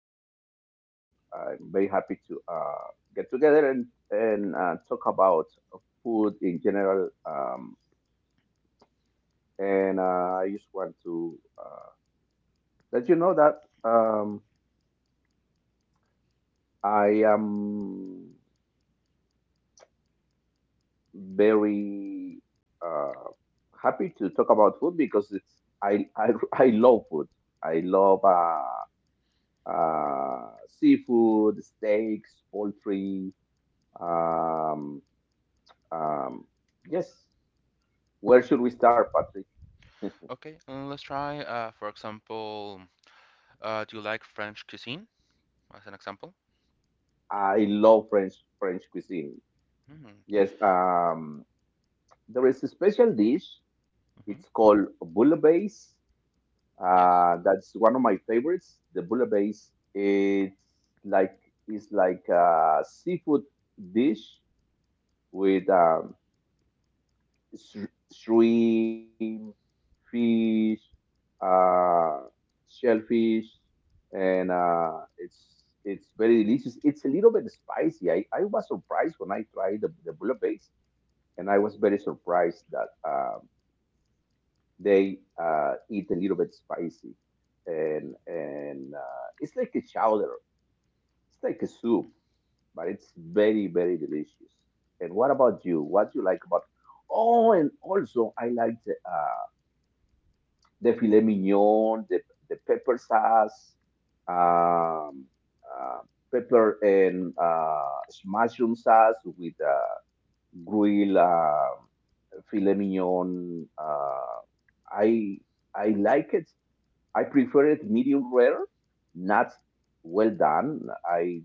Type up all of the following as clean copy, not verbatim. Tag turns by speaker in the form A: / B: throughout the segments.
A: and I'm very happy to get together and talk about food in general. And I just want to let you know that um, I am very uh, happy to talk about food because I love food. I love seafood, steaks, poultry Um, um, yes. Where
B: Hmm
A: should we start, Patrick?
B: Okay, let's try, for example, do you like French cuisine? As an example.
A: I love French cuisine.
B: Hmm
A: Yes. There is a special dish.
B: hmm
A: It's called bouillabaisse.
B: Yes.
A: That's one of my favorites, the bouillabaisse. Like it's like a seafood dish with shrimp, fish, uh, shellfish, and uh, it's very delicious. It's a little bit spicy. I was surprised when I tried the bullet base, and I was very surprised that they eat a little bit spicy, and it's like a chowder. It's like a soup, but it's very delicious. And what about you? What do you like about? Oh, and also I like the filet mignon, the pepper sauce, um, uh, pepper and mushroom sauce with grilled filet mignon. I I like it. I prefer it medium rare, not well done. I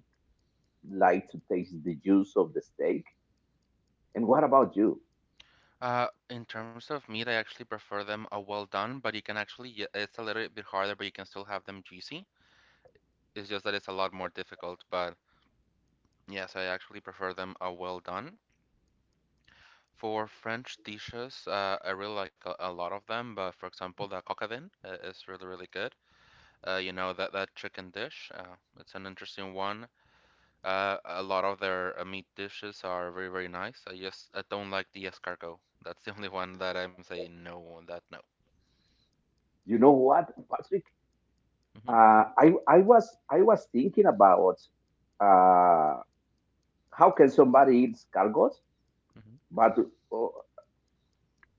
A: like to taste the juice of the steak. And what about you?
B: In terms of meat, I actually prefer them well done, but you can actually, it's a little bit harder, but you can still have them juicy. It's just that it's a lot more difficult, but yes, I actually prefer them well done. For French dishes, I really like a lot of them, but for example, the coquevin is really, really good. You know, that chicken dish, it's an interesting one. A lot of their meat dishes are very, very nice. I don't like the escargot. That's the only one that I'm saying no, on that no.
A: You know what, Patrick? I was thinking about. Uh, How can somebody eat escargots?
B: hmm
A: But uh,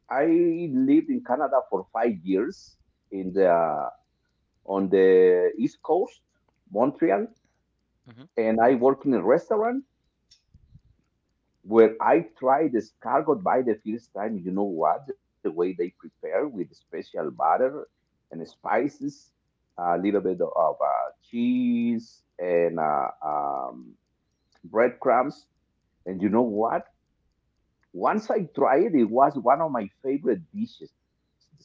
A: I lived in Canada for five years in the on the East Coast, Montreal,
B: hmm
A: and I worked in a restaurant where I tried escargot by the first time. You know what? The way they prepare with special butter and spices, a little bit of cheese and breadcrumbs. And you know what? Once I tried, it was one of my favorite dishes, this cargo.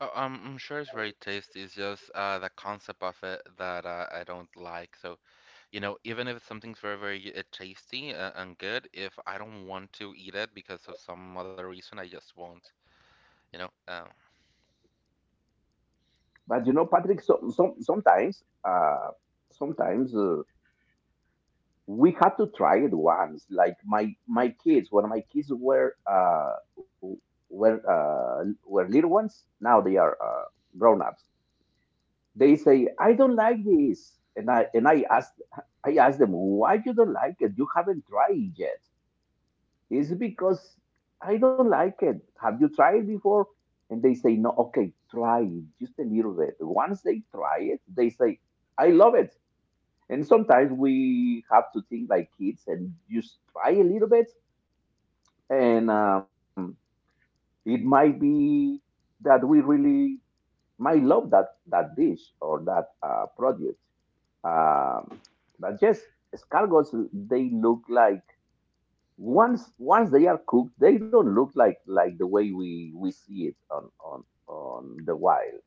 B: Oh, I'm sure it's very tasty. It's just the concept of it that I don't like. So, you know, even if something's very, very tasty and good, if I don't want to eat it because of some other reason, I just won't. You know, um,
A: But you know, Patrick, sometimes we had to try it once. Like my kids, when my kids were were little ones, now they are grown ups. They say, "I don't like this," and I ask them, "Why you don't like it? You haven't tried it yet." is because I don't like it. Have you tried before? And they say, no, okay, try it just a little bit. Once they try it, they say, I love it. And sometimes we have to think like kids and just try a little bit. And it might be that we really might love that dish or that product. Um, but yes, escargots, they look like once they are cooked, they don't look like the way we see it on on the wild.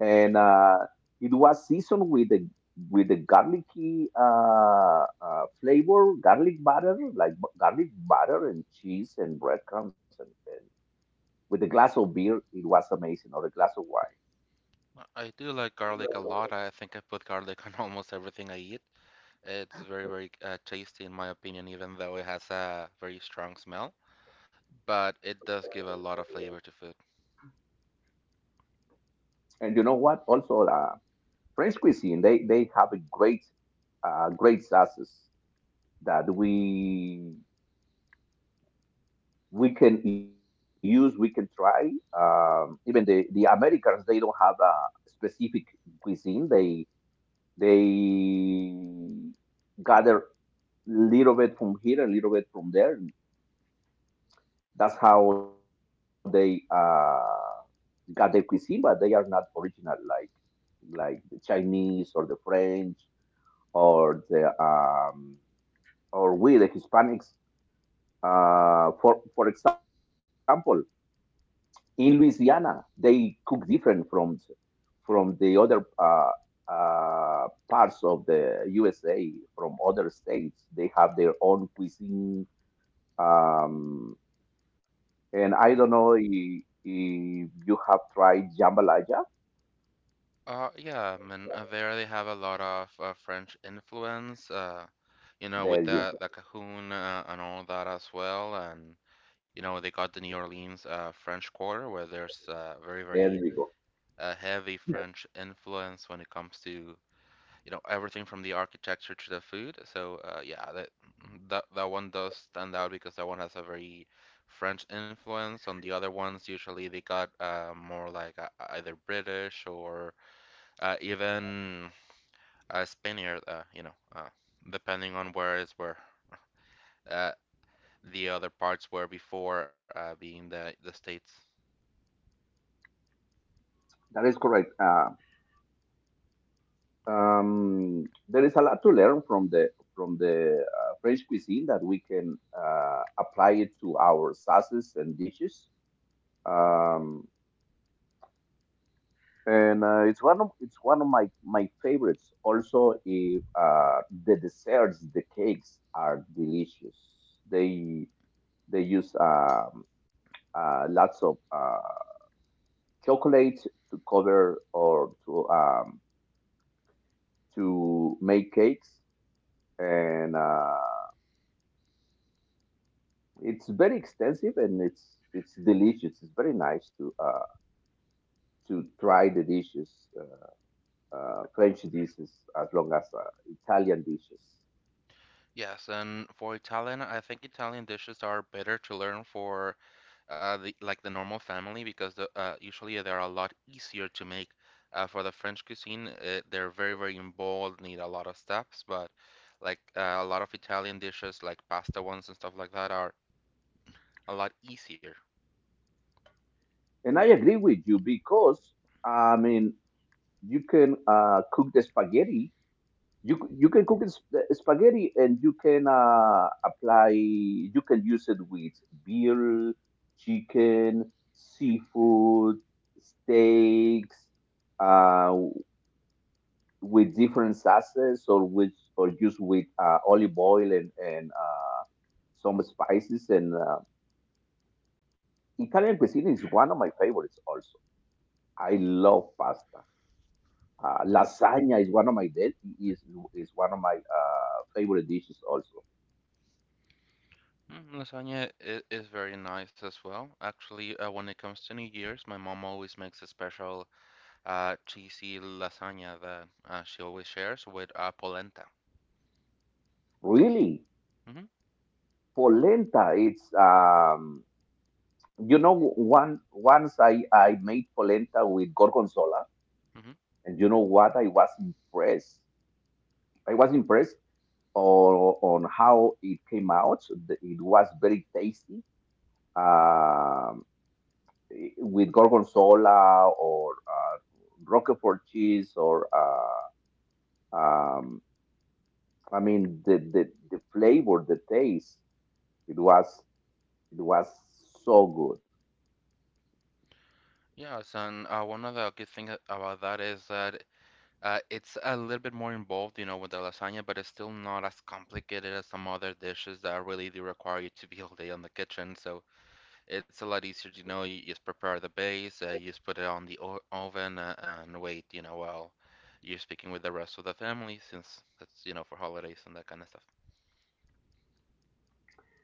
A: And it was seasoned with the garlicky flavor, garlic butter, like garlic butter and cheese and breadcrumbs, and with a glass of beer, it was amazing, or a glass of wine.
B: I do like garlic a lot. I think I put garlic on almost everything I eat. It's very, very tasty in my opinion, even though it has a very strong smell, but it does give a lot of flavor to food.
A: And you know what? Also, French cuisine, they have a great great sauces that we can use, we can try. Even the Americans, they don't have a specific cuisine. They gather little bit from here, a little bit from there. That's how they got their cuisine, but they are not original like the Chinese or the French or the or we the Hispanics. For example, in Louisiana, they cook different from the other parts of the USA, from other states. They have their own cuisine. Um, and I don't know if you have tried jambalaya.
B: Yeah, I mean, there they have a lot of French influence, you know,
A: There
B: with
A: you
B: the
A: go.
B: the Cajon and all that as well, and you know they got the New Orleans French Quarter where there's very
A: There
B: very
A: you go.
B: heavy French influence when it comes to, you know, everything from the architecture to the food. So yeah, that that one does stand out because that one has a very French influence. On the other ones, usually they got more like either British or even Spaniard, you know, depending on where is where uh, the other parts were before being the states.
A: That is correct. There is a lot to learn from the French cuisine that we can apply it to our sauces and dishes. Um, and It's one of my my favorites. Also, if the desserts, the cakes are delicious. They they use lots of chocolate to cover or to make cakes, and it's very extensive and it's delicious. It's very nice to try the dishes, French dishes as long as Italian dishes.
B: Yes, and for Italian, I think Italian dishes are better to learn for the like the normal family because usually they're a lot easier to make. For the French cuisine, they're very very involved, need a lot of steps, but like a lot of Italian dishes like pasta ones and stuff like that are a lot easier.
A: And I agree with you because I mean you can cook the spaghetti. You can cook the spaghetti and you can apply. You can use it with beer, chicken, seafood, steaks, uh, with different sauces or with or just with olive oil and some spices. And Italian cuisine is one of my favorites. Also, I love pasta. Lasagna is one of my del- is is one of my favorite dishes also.
B: Mm, is very nice as well. Actually, when it comes to New Year's, my mom always makes a special cheesy lasagna that she always shares with polenta.
A: Really,
B: Hmm
A: polenta. It's you know one once I made polenta with gorgonzola,
B: hmm
A: and you know what? I was impressed. I was impressed on on how it came out. It was very tasty. Um, with gorgonzola or Roquefort cheese or. Um, I mean, the flavor, the taste, it was it was so good.
B: Yes, and one of the good things about that is that it's a little bit more involved, you know, with the lasagna, but it's still not as complicated as some other dishes that really do require you to be all day on the kitchen. So it's a lot easier, you know. You just prepare the base, you just put it on the o oven, and wait, you know, while you're speaking with the rest of the family, since that's, you know, for holidays and that kind of stuff.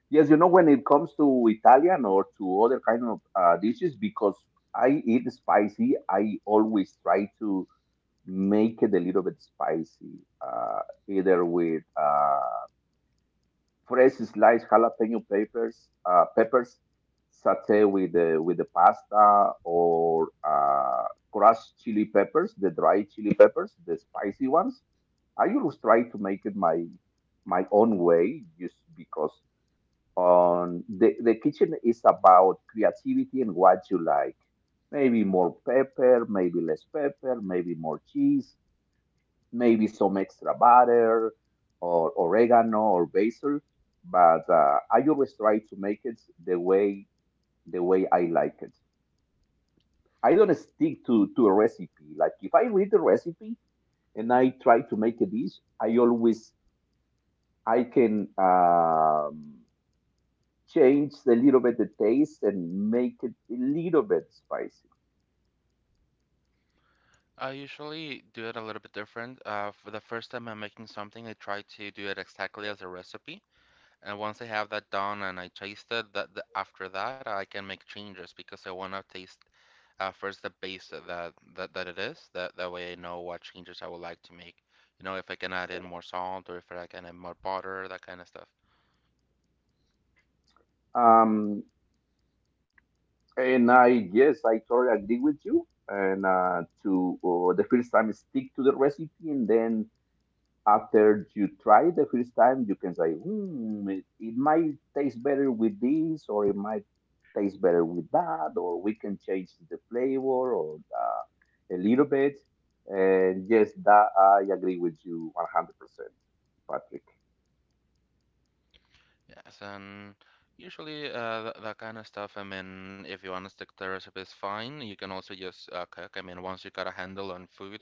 A: Yes, you know when it comes to Italian or to other kind of dishes, because I eat spicy, I always try to make it a little bit spicy, uh, either with fresh sliced jalapeno peppers, peppers, saute with the pasta, or crushed chili peppers, the dry chili peppers, the spicy ones I always try to make it my own way, just because on the kitchen is about creativity and what you like. Maybe more pepper, maybe less pepper, maybe more cheese, maybe some extra butter or oregano or basil. But I always try to make it the way I like it. I don't stick to a recipe. Like if I read the recipe and I try to make a dish, I can change a little bit the taste and make it a little bit spicy.
B: I usually do it a little bit different. For the first time I'm making something, I try to do it exactly as a recipe. And once I have that done and I taste it, that after that I can make changes because I want to taste first the base that it is. That that way I know what changes I would like to make. You know, if I can add in more salt or if I can add more butter, that kind of stuff.
A: Um, and I yes, I totally agree with you. And to the first time, stick to the recipe, and then after you try it the first time, you can say, hmm, it might taste better with this, or it might taste better with that, or we can change the flavor or a little bit. And yes, that I agree with you 100%, Patrick.
B: Yes, and usually that kind of stuff. I mean, if you want to stick to the recipe, it's fine. You can also just cook. I mean, once you got a handle on food,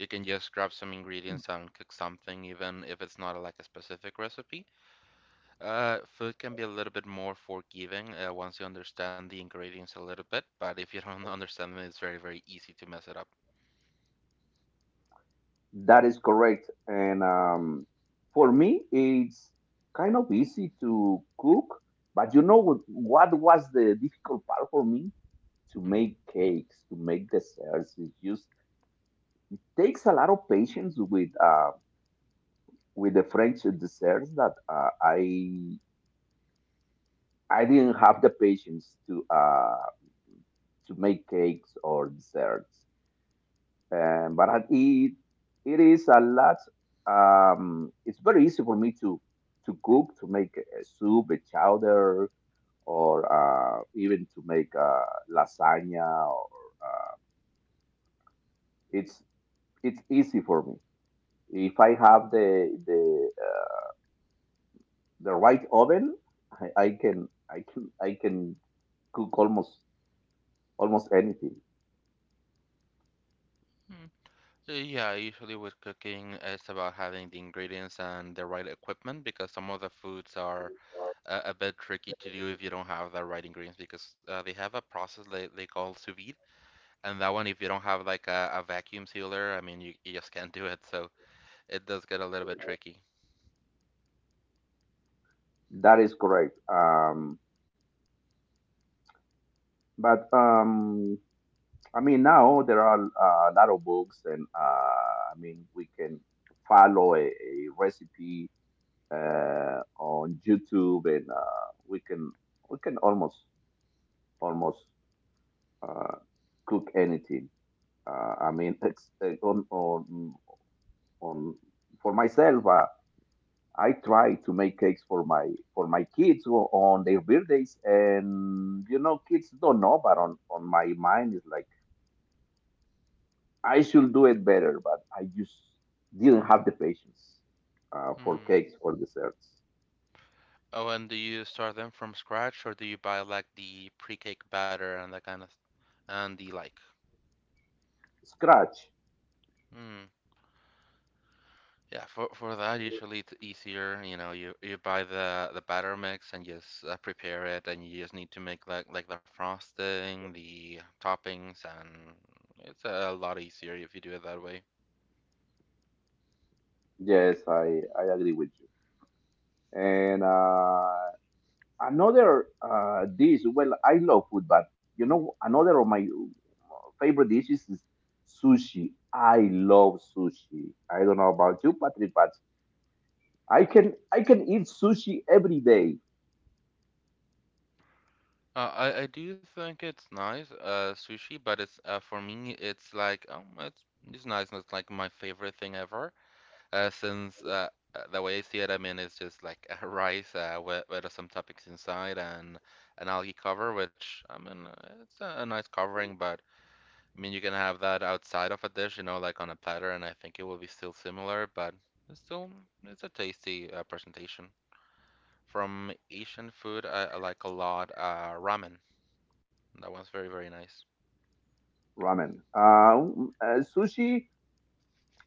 B: you can just grab some ingredients and cook something, even if it's not like a specific recipe. Food can be a little bit more forgiving once you understand the ingredients a little bit, but if you don't understand them, it's very, very easy to mess it up.
A: That is correct. And for me, it's kind of easy to cook, but you know what was the difficult part for me? To
B: Mhm.
A: make cakes, to make desserts, is just takes a lot of patience with the French desserts that uh, I didn't have the patience to make cakes or desserts. But it it is a lot. It's very easy for me to cook to make a soup, a chowder, or even to make lasagna. Or uh, it's it's easy for me if I have the right oven, I can cook almost anything.
B: Mm. Yeah, usually with cooking, it's about having the ingredients and the right equipment because some of the foods are a bit tricky to do if you don't have the right ingredients because they have a process they call sous vide, and that one, if you don't have like a vacuum sealer, I mean, you just can't do it, so it does get a little bit tricky.
A: That is correct. But I mean now there are a lot of books, and I mean we can follow a recipe on YouTube, and we can almost almost uh, cook anything. I mean, it's, on for myself. I try to make cakes for my kids on their birthdays, and you know, kids don't know. But on my mind is like I should do it better, but I just didn't have the patience for
B: Hmm.
A: cakes for desserts.
B: Oh, and do you start them from scratch or do you buy like the pre-cake batter and that kind of and the like?
A: Scratch,
B: Hmm. Yeah, for that usually it's easier, you know, you buy the batter mix and just prepare it and you just need to make like the frosting, the toppings and it's a lot easier if you do it that way.
A: yes, I agree with you. And another dish. Well, I love food, but you know, another of my favorite dishes is sushi. I love sushi. I don't know about you, Patrick, but I can eat sushi every day,
B: Uh, I do think it's nice, sushi, but it's for me it's like it's nice and it's like my favorite thing ever. Since The way I see it, I mean, it's just like a rice with some toppings inside and an algae cover, which I mean, it's a nice covering, but I mean, you can have that outside of a dish, you know, like on a platter, and I think it will be still similar, but it's still it's a tasty presentation. From Asian food, I like a lot ramen. That one's very, very nice.
A: ramen. Sushi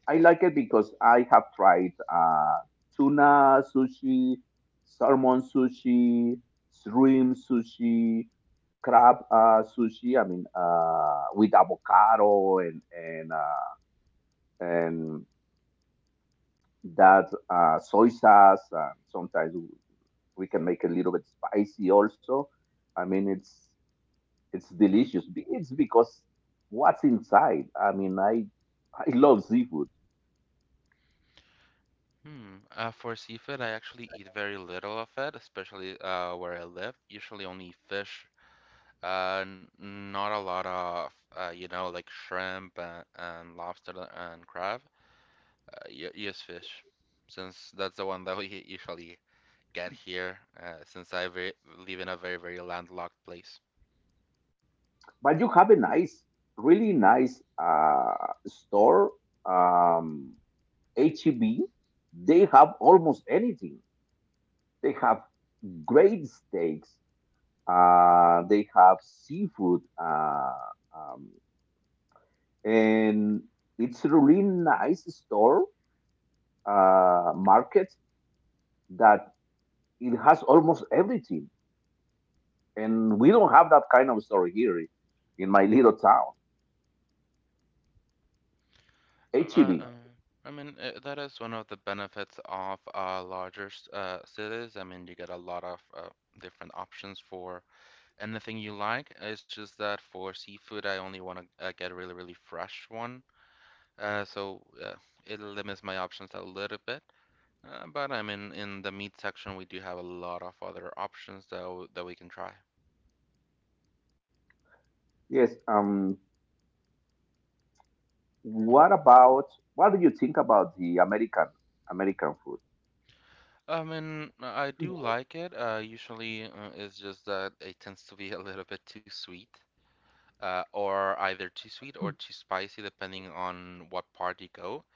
A: I like it because I have tried tuna sushi, salmon sushi, shrimp sushi, crab sushi. I mean, with avocado and that soy sauce. Sometimes we can make a little bit spicy also. I mean, it's
B: Hmm.
A: delicious. It's because what's inside. I mean, I love seafood,
B: Hmm. For seafood, I actually eat very little of it, especially where I live. Usually only fish. Uh, Not a lot of, you know, like shrimp and lobster and crab. Use fish, since that's the one that we usually get here. Since I ve live in a very, very landlocked place.
A: but you have a nice, really nice store, um, HEB. They have almost anything. They have great steaks. They have seafood, um, and it's a really nice store market that it has almost everything. And we don't have that kind of story here in my little town.
B: Uh, uh,
A: HEB.
B: um, I mean, that is one of the benefits of larger cities. I mean, you get a lot of different options for anything you like. It's just that for seafood, I only want to get a really, really fresh one. Uh, so uh, it limits my options a little bit. But I mean, in the meat section, we do have a lot of other options that that we can try.
A: Yes.
B: Mhm.
A: What about? What do you think about the American food?
B: I mean, I do like it. It's just that it tends to be a little bit too sweet, or either too sweet or too spicy, depending on what part you go.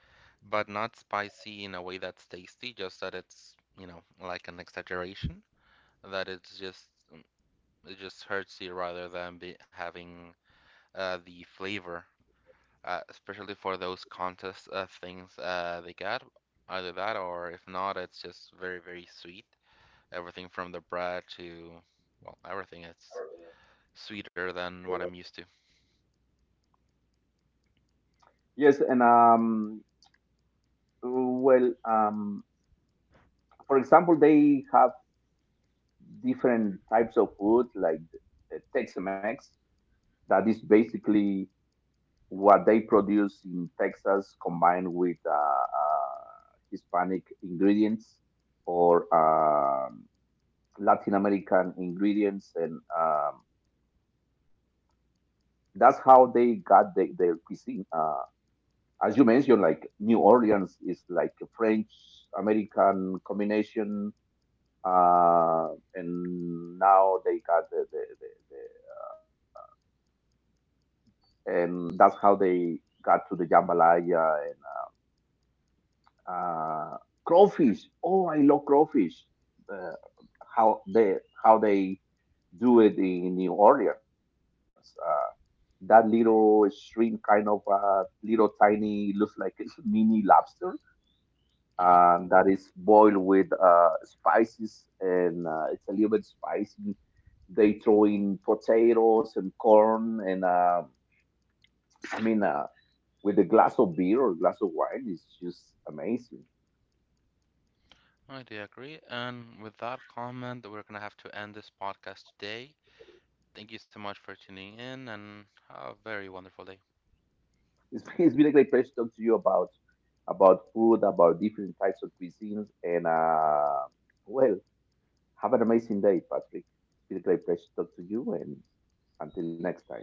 B: But not spicy in a way that's tasty, just that it's, you know, like an exaggeration, that it just hurts you rather than be having the flavor, especially for those contest things they got. Either that, or if not, it's just very, very sweet. Everything from the bread to, well, everything is sweeter than what I'm used to.
A: Yes. And. Well. For example, they have different types of food like Tex-Mex. That is basically what they produce in Texas combined with Hispanic ingredients or. Latin American ingredients, and that's how they got their cuisine. As you mentioned, like New Orleans is like a French American combination, uh, and now they got the and that's how they got to the jambalaya and Uh, crawfish. Oh, I love crawfish. The, how they how they do it in New Orleans. That little shrimp, kind of little tiny, looks like a mini lobster,
B: Hmm
A: and that is boiled with spices, and it's a little bit spicy. They throw in potatoes and corn, and I mean, with a glass of beer or glass of wine, it's just amazing.
B: I do agree. And with that comment, we're gonna have to end this podcast today. Thank you so much for tuning in, and have a very wonderful day.
A: It's it's been a great pleasure talking to you about food, about different types of cuisines, and well, have an amazing day, Patrick. It's been a great pleasure to talk to you, and until next time.